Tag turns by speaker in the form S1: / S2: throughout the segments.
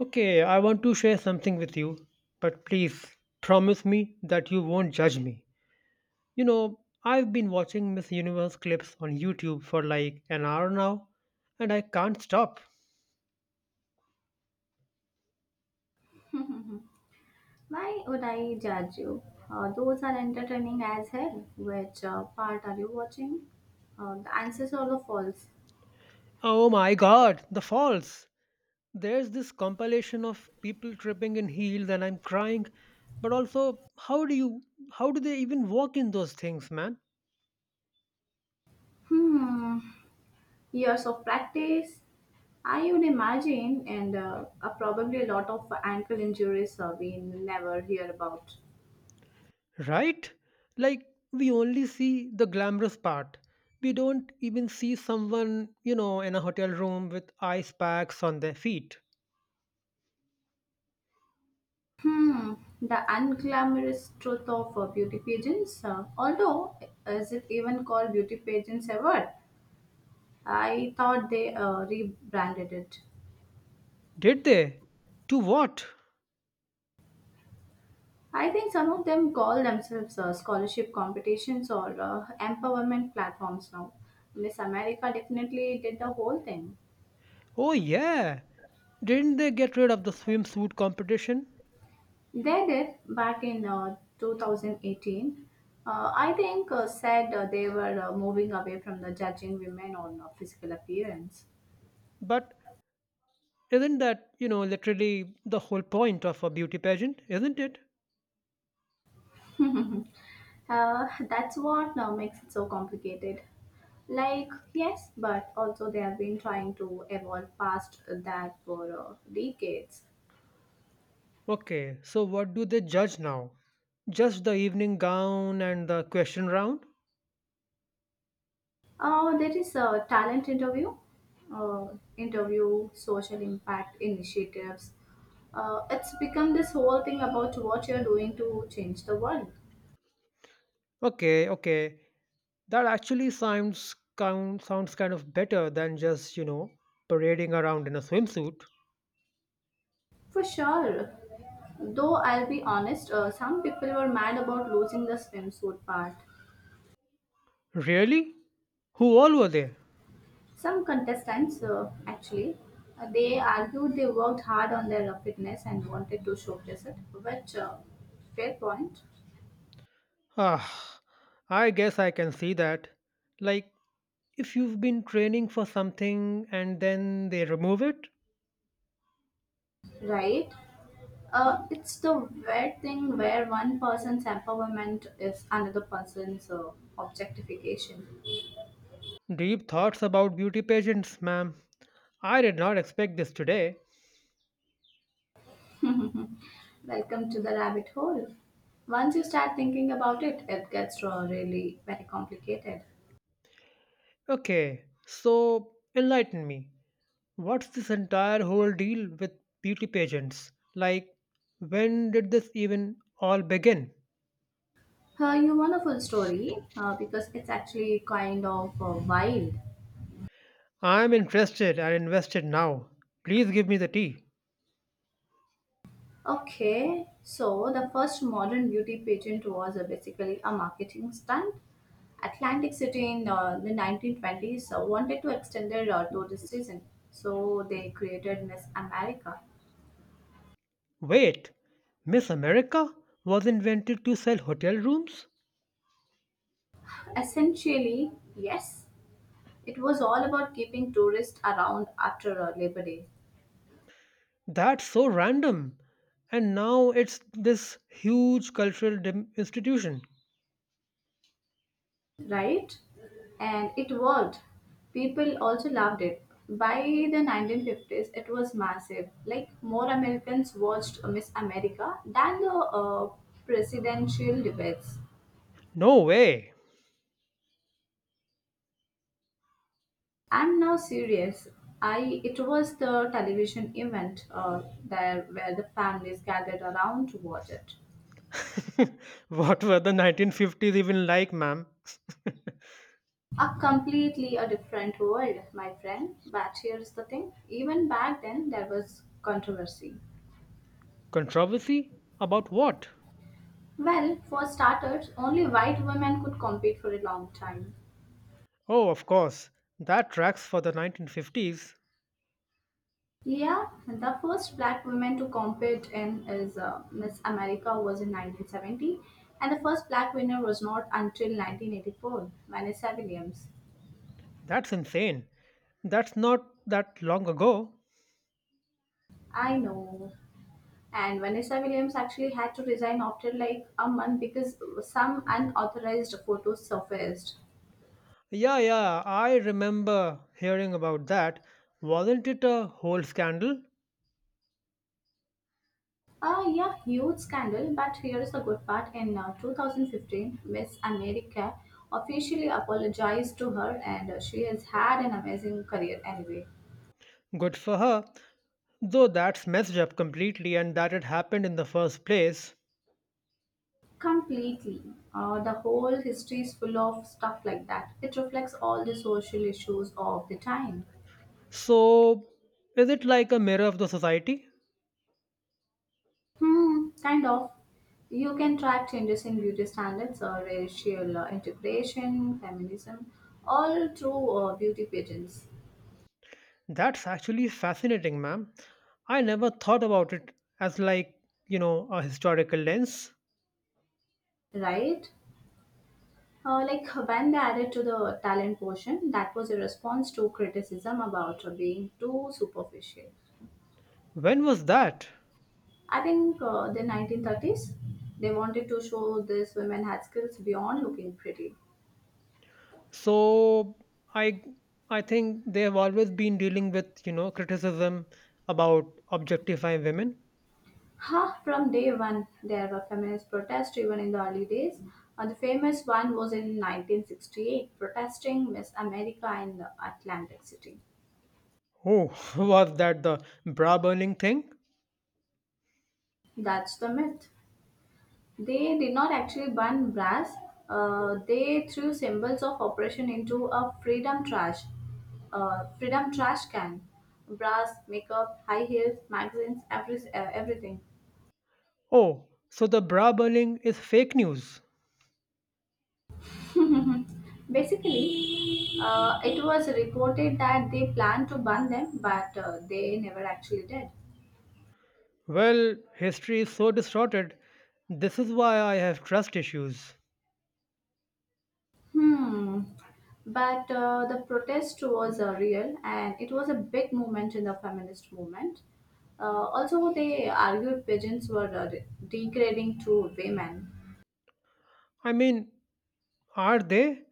S1: Okay, I want to share something with you, but please promise me that you won't judge me. You know, I've been watching Miss Universe clips on YouTube for like an hour now, and I can't stop.
S2: Why would I judge you? Those are entertaining as hell. Which part are you watching? The answers are all false.
S1: Oh my god, the falls! There's this compilation of people tripping in heels and I'm crying, but also how do they even walk in those things, man?
S2: Hmm. Years of practice, I would imagine, and probably a lot of ankle injuries we never hear about.
S1: Right? Like, we only see the glamorous part. We don't even see someone, you know, in a hotel room with ice packs on their feet.
S2: Hmm, the unglamorous truth of beauty pageants. Although, is it even called beauty pageants ever? I thought they rebranded it.
S1: Did they? To what?
S2: I think some of them call themselves scholarship competitions or empowerment platforms now. Miss America definitely did the whole thing.
S1: Oh, yeah. Didn't they get rid of the swimsuit competition?
S2: They did back in 2018. I think said they were moving away from the judging women on physical appearance.
S1: But isn't that, you know, literally the whole point of a beauty pageant, isn't it?
S2: That's what now makes it so complicated. Like, yes, but also they have been trying to evolve past that for decades.
S1: Okay, so what do they judge now? Just the evening gown and the question round?
S2: There is a talent interview, uh, interview, social impact initiatives. It's become this whole thing about what you're doing to change the world.
S1: Okay, okay. That actually sounds kind of better than just, you know, parading around in a swimsuit.
S2: For sure. Though I'll be honest, some people were mad about losing the swimsuit part.
S1: Really? Who all were there?
S2: Some contestants, actually, they argued they worked hard on their fitness and wanted to showcase it, which, fair point.
S1: Ah, I guess I can see that. Like, if you've been training for something and then they remove it?
S2: Right? It's the weird thing where one person's empowerment is another person's objectification.
S1: Deep thoughts about beauty pageants, ma'am. I did not expect this today.
S2: Welcome to the rabbit hole. Once you start thinking about it, it gets really very complicated.
S1: Okay, so enlighten me. What's this entire whole deal with beauty pageants? Like, when did this even all begin?
S2: You want a full story because it's actually kind of wild.
S1: I'm interested and invested now. Please give me the tea.
S2: Okay, so the first modern beauty pageant was basically a marketing stunt. Atlantic City in the 1920s wanted to extend their tourist season, so they created Miss America.
S1: Wait, Miss America was invented to sell hotel rooms?
S2: Essentially, yes, it was all about keeping tourists around after Labor Day.
S1: That's so random. And now it's this huge institution.
S2: Right? And it worked. People also loved it. By the 1950s, it was massive. Like, more Americans watched Miss America than the presidential debates.
S1: No way.
S2: I'm now serious. I it was the television event there where the families gathered around to watch it.
S1: What were the 1950s even like, ma'am?
S2: A completely a different world, my friend. But here's the thing: even back then, there was controversy.
S1: Controversy? About what?
S2: Well, for starters, only white women could compete for a long time.
S1: Oh, of course. That tracks for the 1950s.
S2: Yeah, the first black woman to compete in is Miss America was in 1970, and the first black winner was not until 1984, Vanessa Williams.
S1: That's insane. That's not that long ago.
S2: I know. And Vanessa Williams actually had to resign after like a month because some unauthorized photos surfaced.
S1: Yeah, yeah, I remember hearing about that. Wasn't it a whole scandal?
S2: Ah, yeah, huge scandal. But here is the good part. In 2015, Miss America officially apologized to her, and she has had an amazing career anyway.
S1: Good for her. Though that's messed up completely and that it happened in the first place.
S2: Completely. The whole history is full of stuff like that. It reflects all the social issues of the time.
S1: So, is it like a mirror of the society?
S2: Hmm, kind of. You can track changes in beauty standards or racial integration, feminism, all through beauty pageants.
S1: That's actually fascinating, ma'am. I never thought about it as like, you know, a historical lens.
S2: Right? Like when they added to the talent portion, that was a response to criticism about being too superficial.
S1: When was that?
S2: I think the 1930s, they wanted to show these women had skills beyond looking pretty.
S1: So I I think they have always been dealing with, you know, criticism about objectifying women.
S2: Ha! From day one, there were feminist protests even in the early days. The famous one was in 1968, protesting Miss America in the Atlantic City.
S1: Oh, was that the bra burning thing?
S2: That's the myth. They did not actually burn brass. They threw symbols of oppression into a freedom trash can. Brass, makeup, high heels, magazines, everything.
S1: Oh, so the bra burning is fake news.
S2: Basically, it was reported that they planned to burn them, but they never actually did.
S1: Well, history is so distorted. This is why I have trust issues.
S2: Hmm. But the protest was real and it was a big movement in the feminist movement. Also, they argued pigeons were degrading to women.
S1: I mean, are they?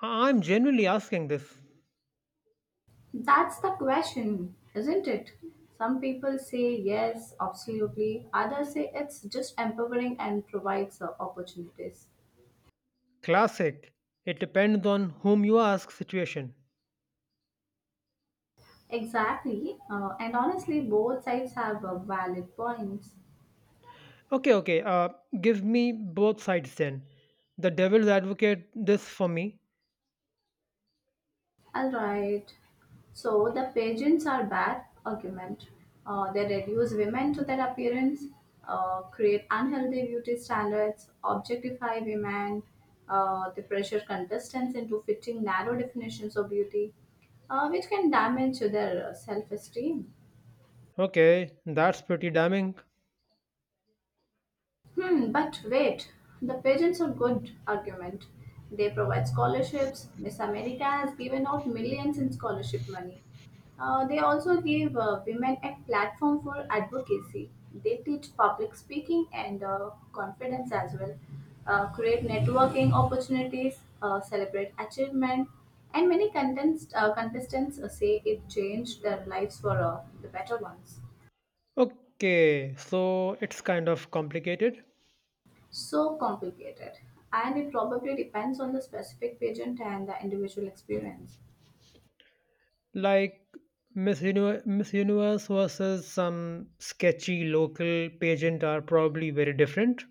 S1: I'm genuinely asking this.
S2: That's the question, isn't it? Some people say yes, absolutely. Others say it's just empowering and provides opportunities.
S1: Classic. It depends on whom you ask situation.
S2: Exactly. And honestly, both sides have valid points.
S1: Okay, okay. Give me both sides then. The devil's advocate this for me.
S2: All right. So, the pageants are bad argument. They reduce women to their appearance, create unhealthy beauty standards, objectify women. They pressure contestants into fitting narrow definitions of beauty, which can damage their self-esteem.
S1: Okay, that's pretty damning.
S2: Hmm, but wait, the pageants are good argument. They provide scholarships. Miss America has given out millions in scholarship money. They also give women a platform for advocacy. They teach public speaking and confidence as well, create networking opportunities, celebrate achievement, and many contestants say it changed their lives for the better ones.
S1: Okay, so it's kind of complicated.
S2: So complicated, and it probably depends on the specific pageant and the individual experience.
S1: Like Miss Universe versus some sketchy local pageant are probably very different.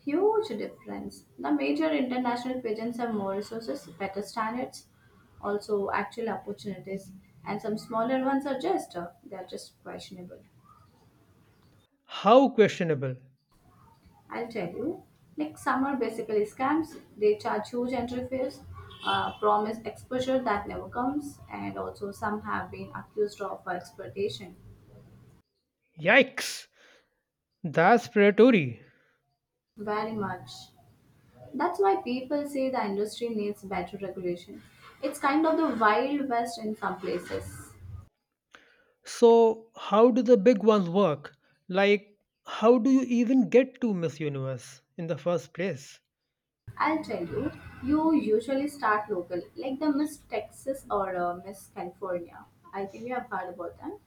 S2: Huge difference. The major international pageants have more resources, better standards, also actual opportunities, and some smaller ones are just they are just questionable.
S1: How questionable.
S2: I'll tell you, like some are basically scams. They charge huge entry fees, promise exposure that never comes, and also some have been accused of exploitation
S1: Yikes! That's predatory.
S2: very much. That's why people say the industry needs better regulation. It's kind of the wild west in some places.
S1: So, how do the big ones work? Like, how do you even get to Miss Universe in the first place?
S2: I'll tell you, you usually start local, like the Miss Texas or Miss California. I think you have heard about them.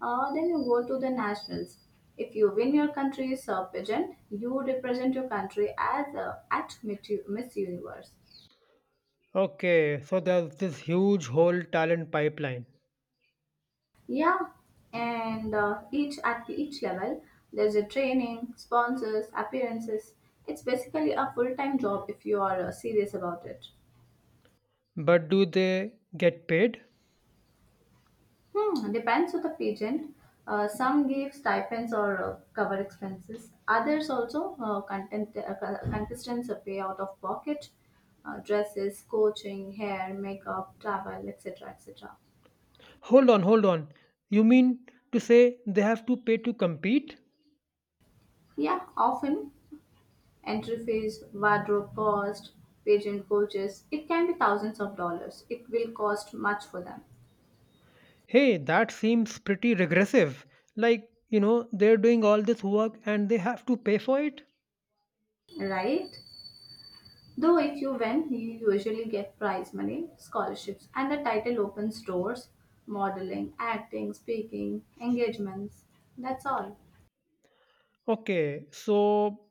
S2: Then you go to the nationals. If you win your country's pageant, you represent your country as at Miss Universe.
S1: Okay, so there's this huge whole talent pipeline.
S2: Yeah, and each at each level, there's a training, sponsors, appearances. It's basically a full-time job if you are serious about it.
S1: But do they get paid?
S2: Hmm, depends on the pageant. Some give stipends or cover expenses. Others, contestants pay out of pocket, dresses, coaching, hair, makeup, travel, etc., etc.
S1: Hold on, hold on. You mean to say they have to pay to compete?
S2: Yeah, often. Entry fees, wardrobe cost, pageant coaches, it can be thousands of dollars. It will cost much for them,
S1: Hey, that seems pretty regressive. Like, you know, they're doing all this work and they have to pay for it?
S2: right? Though if you win, you usually get prize money, scholarships, and the title opens doors: modeling, acting, speaking, engagements. That's all.
S1: Okay, so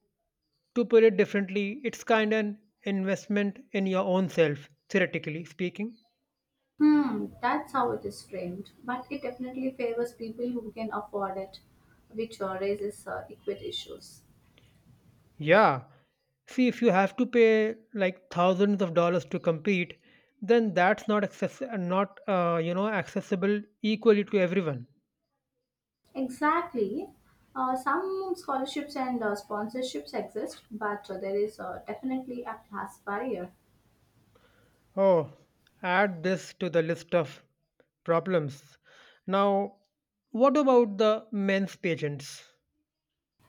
S1: to put it differently, it's kind of an investment in your own self, theoretically speaking.
S2: Hmm, that's how it is framed, but it definitely favors people who can afford it, which raises equity issues.
S1: Yeah. See, if you have to pay like thousands of dollars to compete, then that's not you know, accessible equally to everyone.
S2: Exactly. Some scholarships and sponsorships exist, but there is definitely a class barrier.
S1: Oh, add this to the list of problems. Now, what about the men's pageants?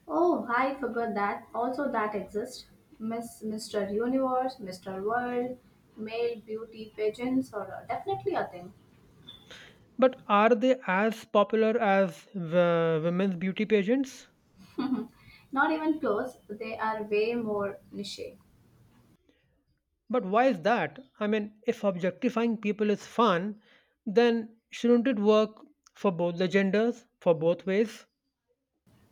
S2: Oh, I forgot that. Also, that exists. Mr. Universe, Mr. World, male beauty pageants are definitely a thing.
S1: But are they as popular as the women's beauty pageants?
S2: Not even close. They are way more niche.
S1: But why is that? I mean, if objectifying people is fun, then shouldn't it work for both the genders, for both ways?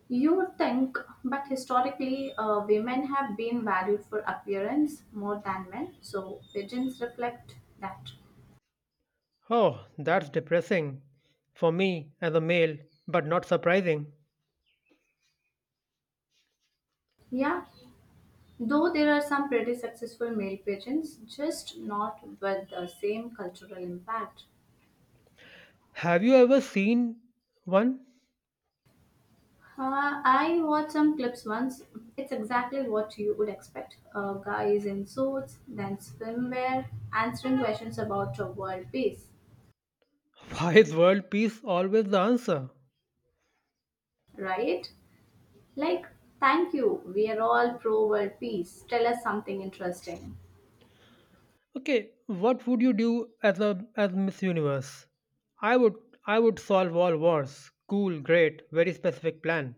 S2: You would think, but historically, women have been valued for appearance more than men, so pageants reflect that.
S1: Oh, that's depressing for me as a male, but not surprising.
S2: Yeah, though there are some pretty successful male pigeons, just not with the same cultural impact.
S1: Have you ever seen one?
S2: I watched some clips once. It's exactly what you would expect. Guys in suits, then swimwear, answering questions about world peace,
S1: Why is world peace always the answer?
S2: right? Like, thank you, we are all pro world peace. Tell us something interesting.
S1: Okay, what would you do as a as Miss Universe? I would I would solve all wars. Cool, great, very specific plan.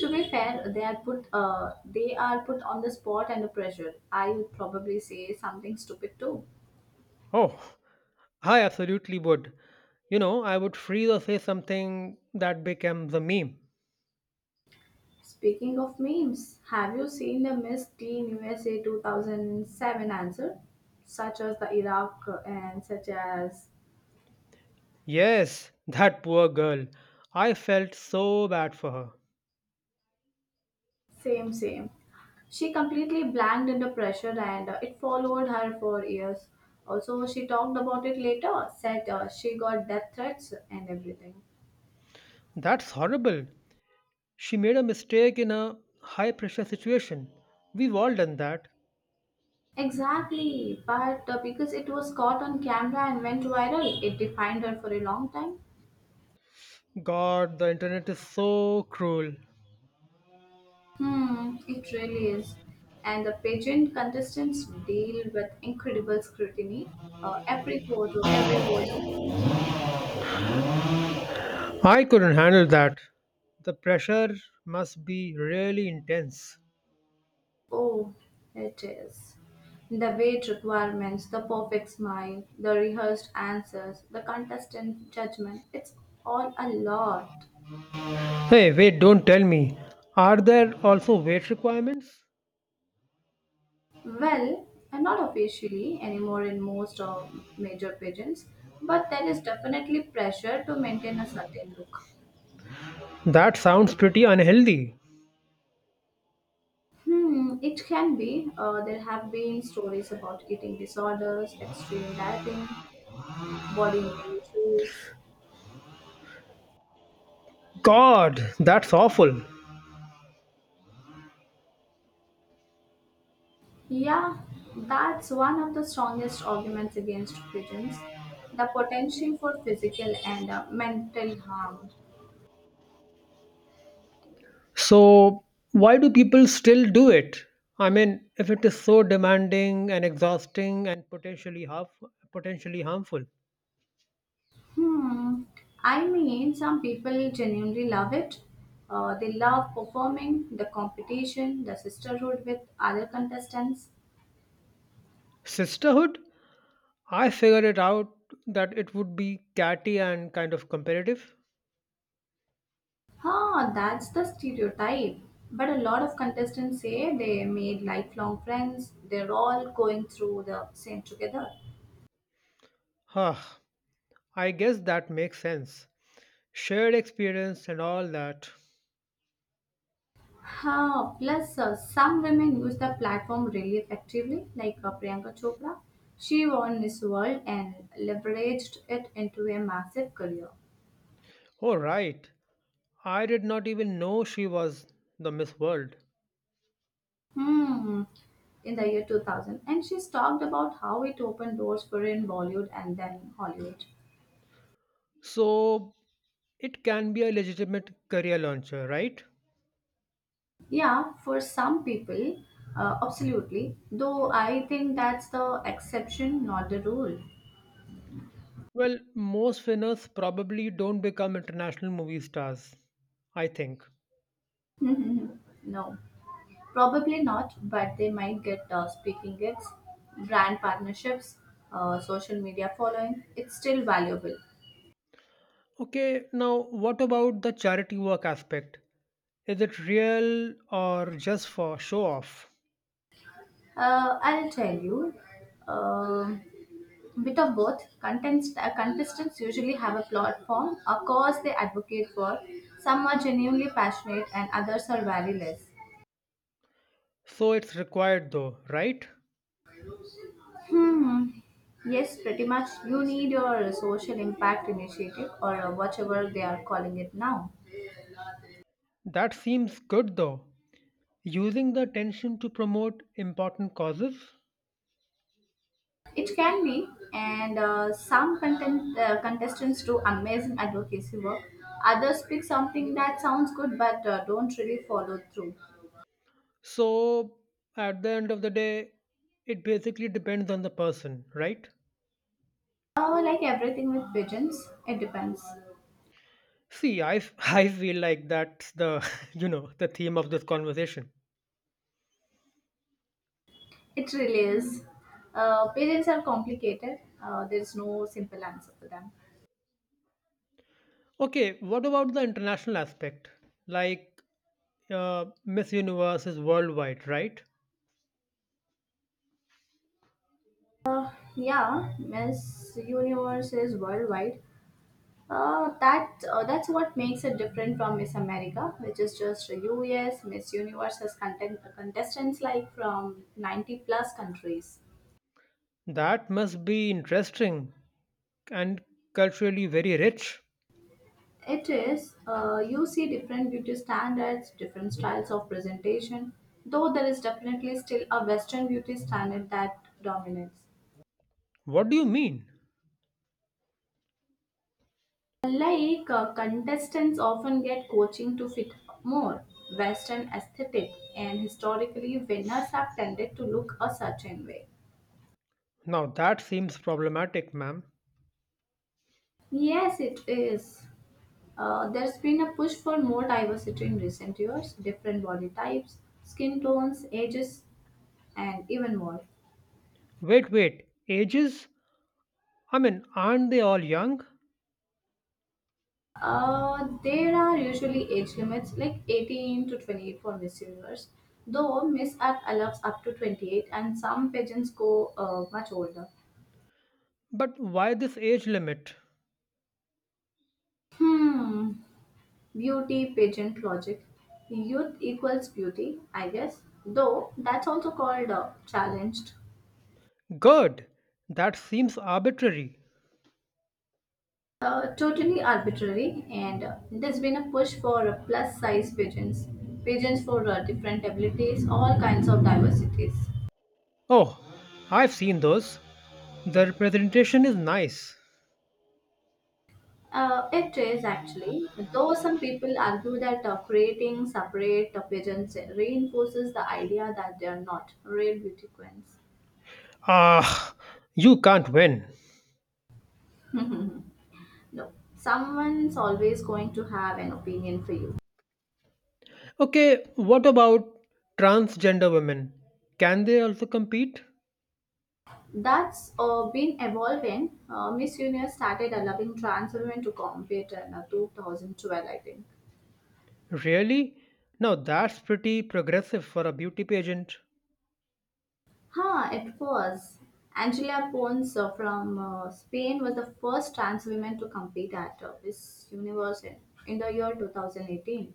S2: To be fair, they are put on the spot and the pressure. I would probably say something stupid too.
S1: Oh, I absolutely would. You know, I would freeze or say something that becomes a meme.
S2: Speaking of memes, have you seen the Miss Teen USA 2007 answer? Such as the Iraq and such as
S1: Yes, that poor girl. I felt so bad for her.
S2: same same. She completely blanked under pressure and it followed her for years. Also, she talked about it later, said she got death threats and everything.
S1: That's horrible. She made a mistake in a high pressure situation. We've all done that.
S2: Exactly, but because it was caught on camera and went viral, it defined her for a long time.
S1: God, the internet is so cruel.
S2: Hmm, it really is. And the pageant contestants deal with incredible scrutiny. Every photo, every vote.
S1: I couldn't handle that. The pressure must be really intense.
S2: Oh, it is. The weight requirements, the perfect smile, the rehearsed answers, the contestant judgment. It's all a lot.
S1: Hey, wait, don't tell me. Are there also weight requirements?
S2: Well, not officially anymore in most of major pageants, but there is definitely pressure to maintain a certain look.
S1: That sounds pretty unhealthy.
S2: Hmm, it can be. There have been stories about eating disorders, extreme dieting, body image issues.
S1: God, that's awful.
S2: Yeah, that's one of the strongest arguments against pigeons: the potential for physical and mental harm.
S1: So, why do people still do it? I mean, if it is so demanding and exhausting and potentially harmful.
S2: Hmm, I mean, some people genuinely love it. They love performing, the competition, the sisterhood with other contestants.
S1: Sisterhood? I figured it out that it would be catty and kind of competitive.
S2: Huh, that's the stereotype. But a lot of contestants say they made lifelong friends. They're all going through the same together.
S1: Huh, I guess that makes sense. Shared experience and all that.
S2: Huh, plus, some women use the platform really effectively, like Priyanka Chopra. She won Miss World and leveraged it into a massive career.
S1: Oh, right. I did not even know she was the Miss World.
S2: Hmm, in the year 2000. And she's talked about how it opened doors for her in Bollywood and then Hollywood.
S1: So it can be a legitimate career launcher, right?
S2: Yeah, for some people, absolutely. Though I think that's the exception, not the rule.
S1: Well, most winners probably don't become international movie stars, I think.
S2: No, probably not, but they might get speaking gigs, brand partnerships, social media following. It's still valuable.
S1: Okay, now what about the charity work aspect? Is it real or just for show off?
S2: I'll tell you. Um Bit of both. Contestants usually have a platform, a cause they advocate for. Some are genuinely passionate, and others are very less.
S1: So it's required though, right?
S2: Hmm. Yes, pretty much. You need your social impact initiative or whatever they are calling it now.
S1: That seems good though. Using the attention to promote important causes.
S2: It can be, and some contestants do amazing advocacy work. Others pick something that sounds good but don't really follow through.
S1: So at the end of the day, it basically depends on the person, right?
S2: Oh, like everything with pigeons, it depends.
S1: See, I feel like that's the, you know, the theme of this conversation.
S2: It really is. Pigeons are complicated. There is no simple answer for them.
S1: Okay, what about the international aspect? Like, Miss Universe is worldwide, right?
S2: Yeah, Miss Universe is worldwide. That's what makes it different from Miss America, which is just a US. Miss Universe has contestants like from 90 plus countries.
S1: That must be interesting and culturally very rich.
S2: It is, you see different beauty standards, different styles of presentation, though there is definitely still a Western beauty standard that dominates.
S1: What do you mean?
S2: Like, contestants often get coaching to fit more Western aesthetic, and historically winners have tended to look a certain way.
S1: Now, that seems problematic, ma'am.
S2: Yes, it is. There's been a push for more diversity in recent years, different body types, skin tones, ages, and even more.
S1: Wait, wait, ages? I mean, aren't they all young?
S2: There are usually age limits like 18 to 28 for Miss Universe, though Miss Earth allows up to 28, and some pageants go much older.
S1: But why this age limit?
S2: Hmm, beauty pageant logic. Youth equals beauty, I guess, though that's also called challenged.
S1: Good, that seems arbitrary.
S2: Totally arbitrary, and there's been a push for plus size pigeons for different abilities, all kinds of diversities.
S1: Oh, I've seen those. The representation is nice.
S2: It is, actually, though some people argue that creating separate pigeons reinforces the idea that they are not real beauty queens.
S1: Ah, you can't win.
S2: No, someone's always going to have an opinion for you.
S1: Okay, what about transgender women? Can they also compete?
S2: That's been evolving. Miss Universe started allowing trans women to compete in, 2012, I think.
S1: Really? Now that's pretty progressive for a beauty pageant.
S2: Huh, it was. Angela Pons from Spain was the first trans woman to compete at Miss Universe in the year 2018.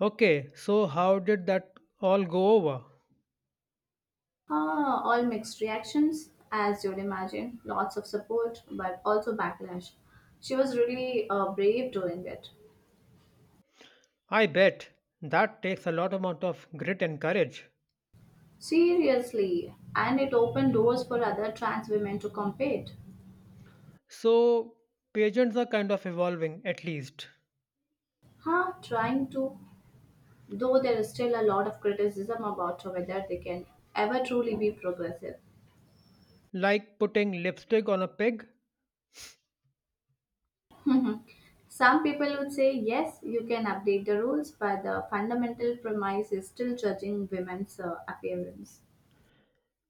S1: Okay, so how did that all go over?
S2: Huh, all mixed reactions, as you'd imagine. Lots of support, but also backlash. She was really brave doing it.
S1: I bet that takes a lot amount of grit and courage.
S2: Seriously, and it opened doors for other trans women to compete.
S1: So pageants are kind of evolving at least,
S2: Huh, trying to, though there is still a lot of criticism about whether they can ever truly be progressive.
S1: like putting lipstick on a pig
S2: Mhm. Some people would say, yes, you can update the rules, but the fundamental premise is still judging women's appearance.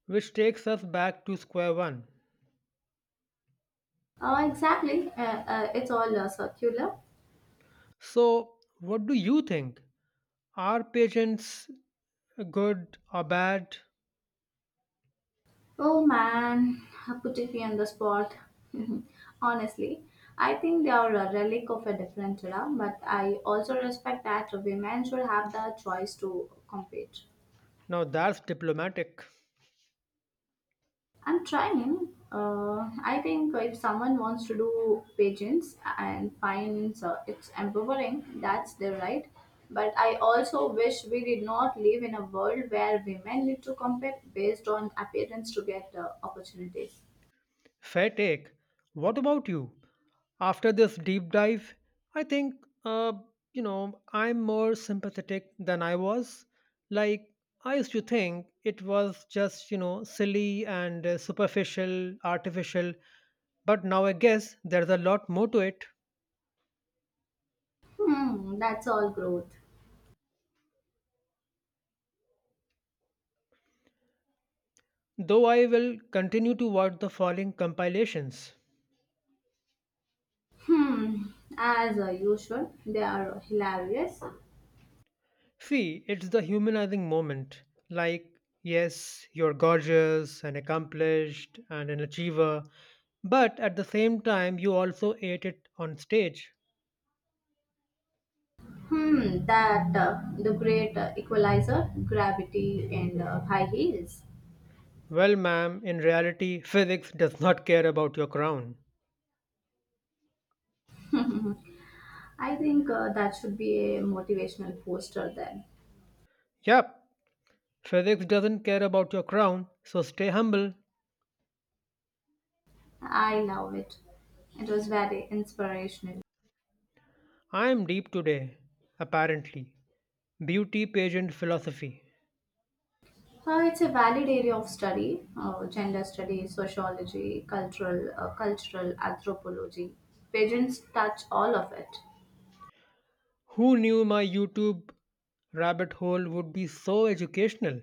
S1: which takes us back to square one.
S2: Exactly. It's all circular.
S1: So, what do you think? Are patients good or bad?
S2: Oh man, putting me on the spot. Honestly, I think they are a relic of a different era, but I also respect that women should have the choice to compete.
S1: Now, that's diplomatic.
S2: I'm trying. I think if someone wants to do pageants and finds it's empowering, that's their right. But I also wish we did not live in a world where women need to compete based on appearance to get opportunities.
S1: Fair take. What about you? After this deep dive, I think, uh, you know, I'm more sympathetic than I was. Like, I used to think it was just, you know, silly and superficial, artificial, but now I guess there's a lot more to it.
S2: Hmm, that's all growth.
S1: Though I will continue to watch the following compilations.
S2: Hmm, as usual, they are hilarious.
S1: See, it's the humanizing moment. Like, yes, you're gorgeous and accomplished and an achiever, but at the same time, you also ate it on stage.
S2: Hmm, that the great equalizer, gravity, and high heels.
S1: Well, ma'am, in reality, physics does not care about your crown.
S2: I think that should be a motivational poster then.
S1: Yep, physics doesn't care about your crown, so stay humble.
S2: I love it. It was very inspirational.
S1: I am deep today, apparently. Beauty pageant philosophy.
S2: So it's a valid area of study: gender studies, sociology, cultural anthropology. Pigeons touch all of it.
S1: Who knew my YouTube rabbit hole would be so educational?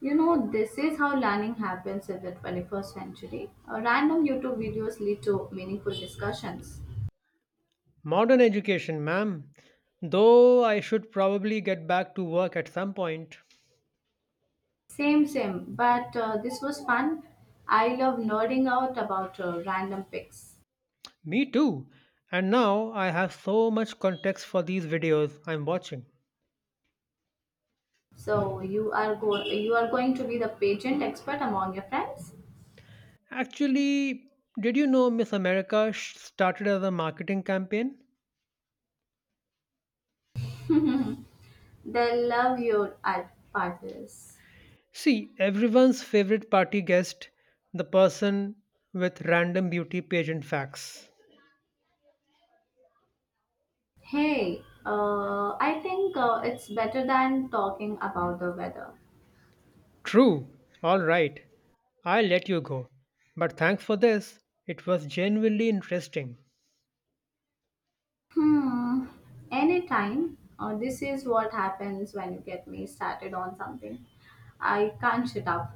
S2: You know, this is how learning happens in the 21st century. Random YouTube videos lead to meaningful discussions.
S1: Modern education, ma'am. Though I should probably get back to work at some point.
S2: Same, same. But this was fun. I love nerding out about random picks.
S1: Me too. And now I have so much context for these videos I'm watching.
S2: So you are you are going to be the pageant expert among your friends.
S1: Actually, did you know Miss America started as a marketing campaign?
S2: They love your art parties.
S1: See, everyone's favorite party guest, the person with random beauty pageant facts.
S2: Hey, I think it's better than talking about the weather.
S1: True. All right. I'll let you go. But thanks for this. It was genuinely interesting.
S2: Hmm. Anytime. This is what happens when you get me started on something. I can't shut up.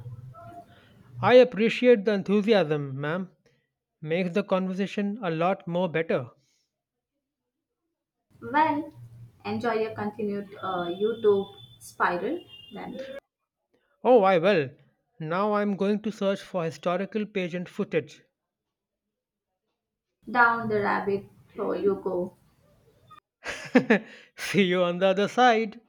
S1: I appreciate the enthusiasm, ma'am. Makes the conversation a lot more better.
S2: Well, enjoy your continued YouTube spiral. Then
S1: Oh, I will. Now I'm going to search for historical pageant footage.
S2: down the rabbit hole you go.
S1: See you on the other side.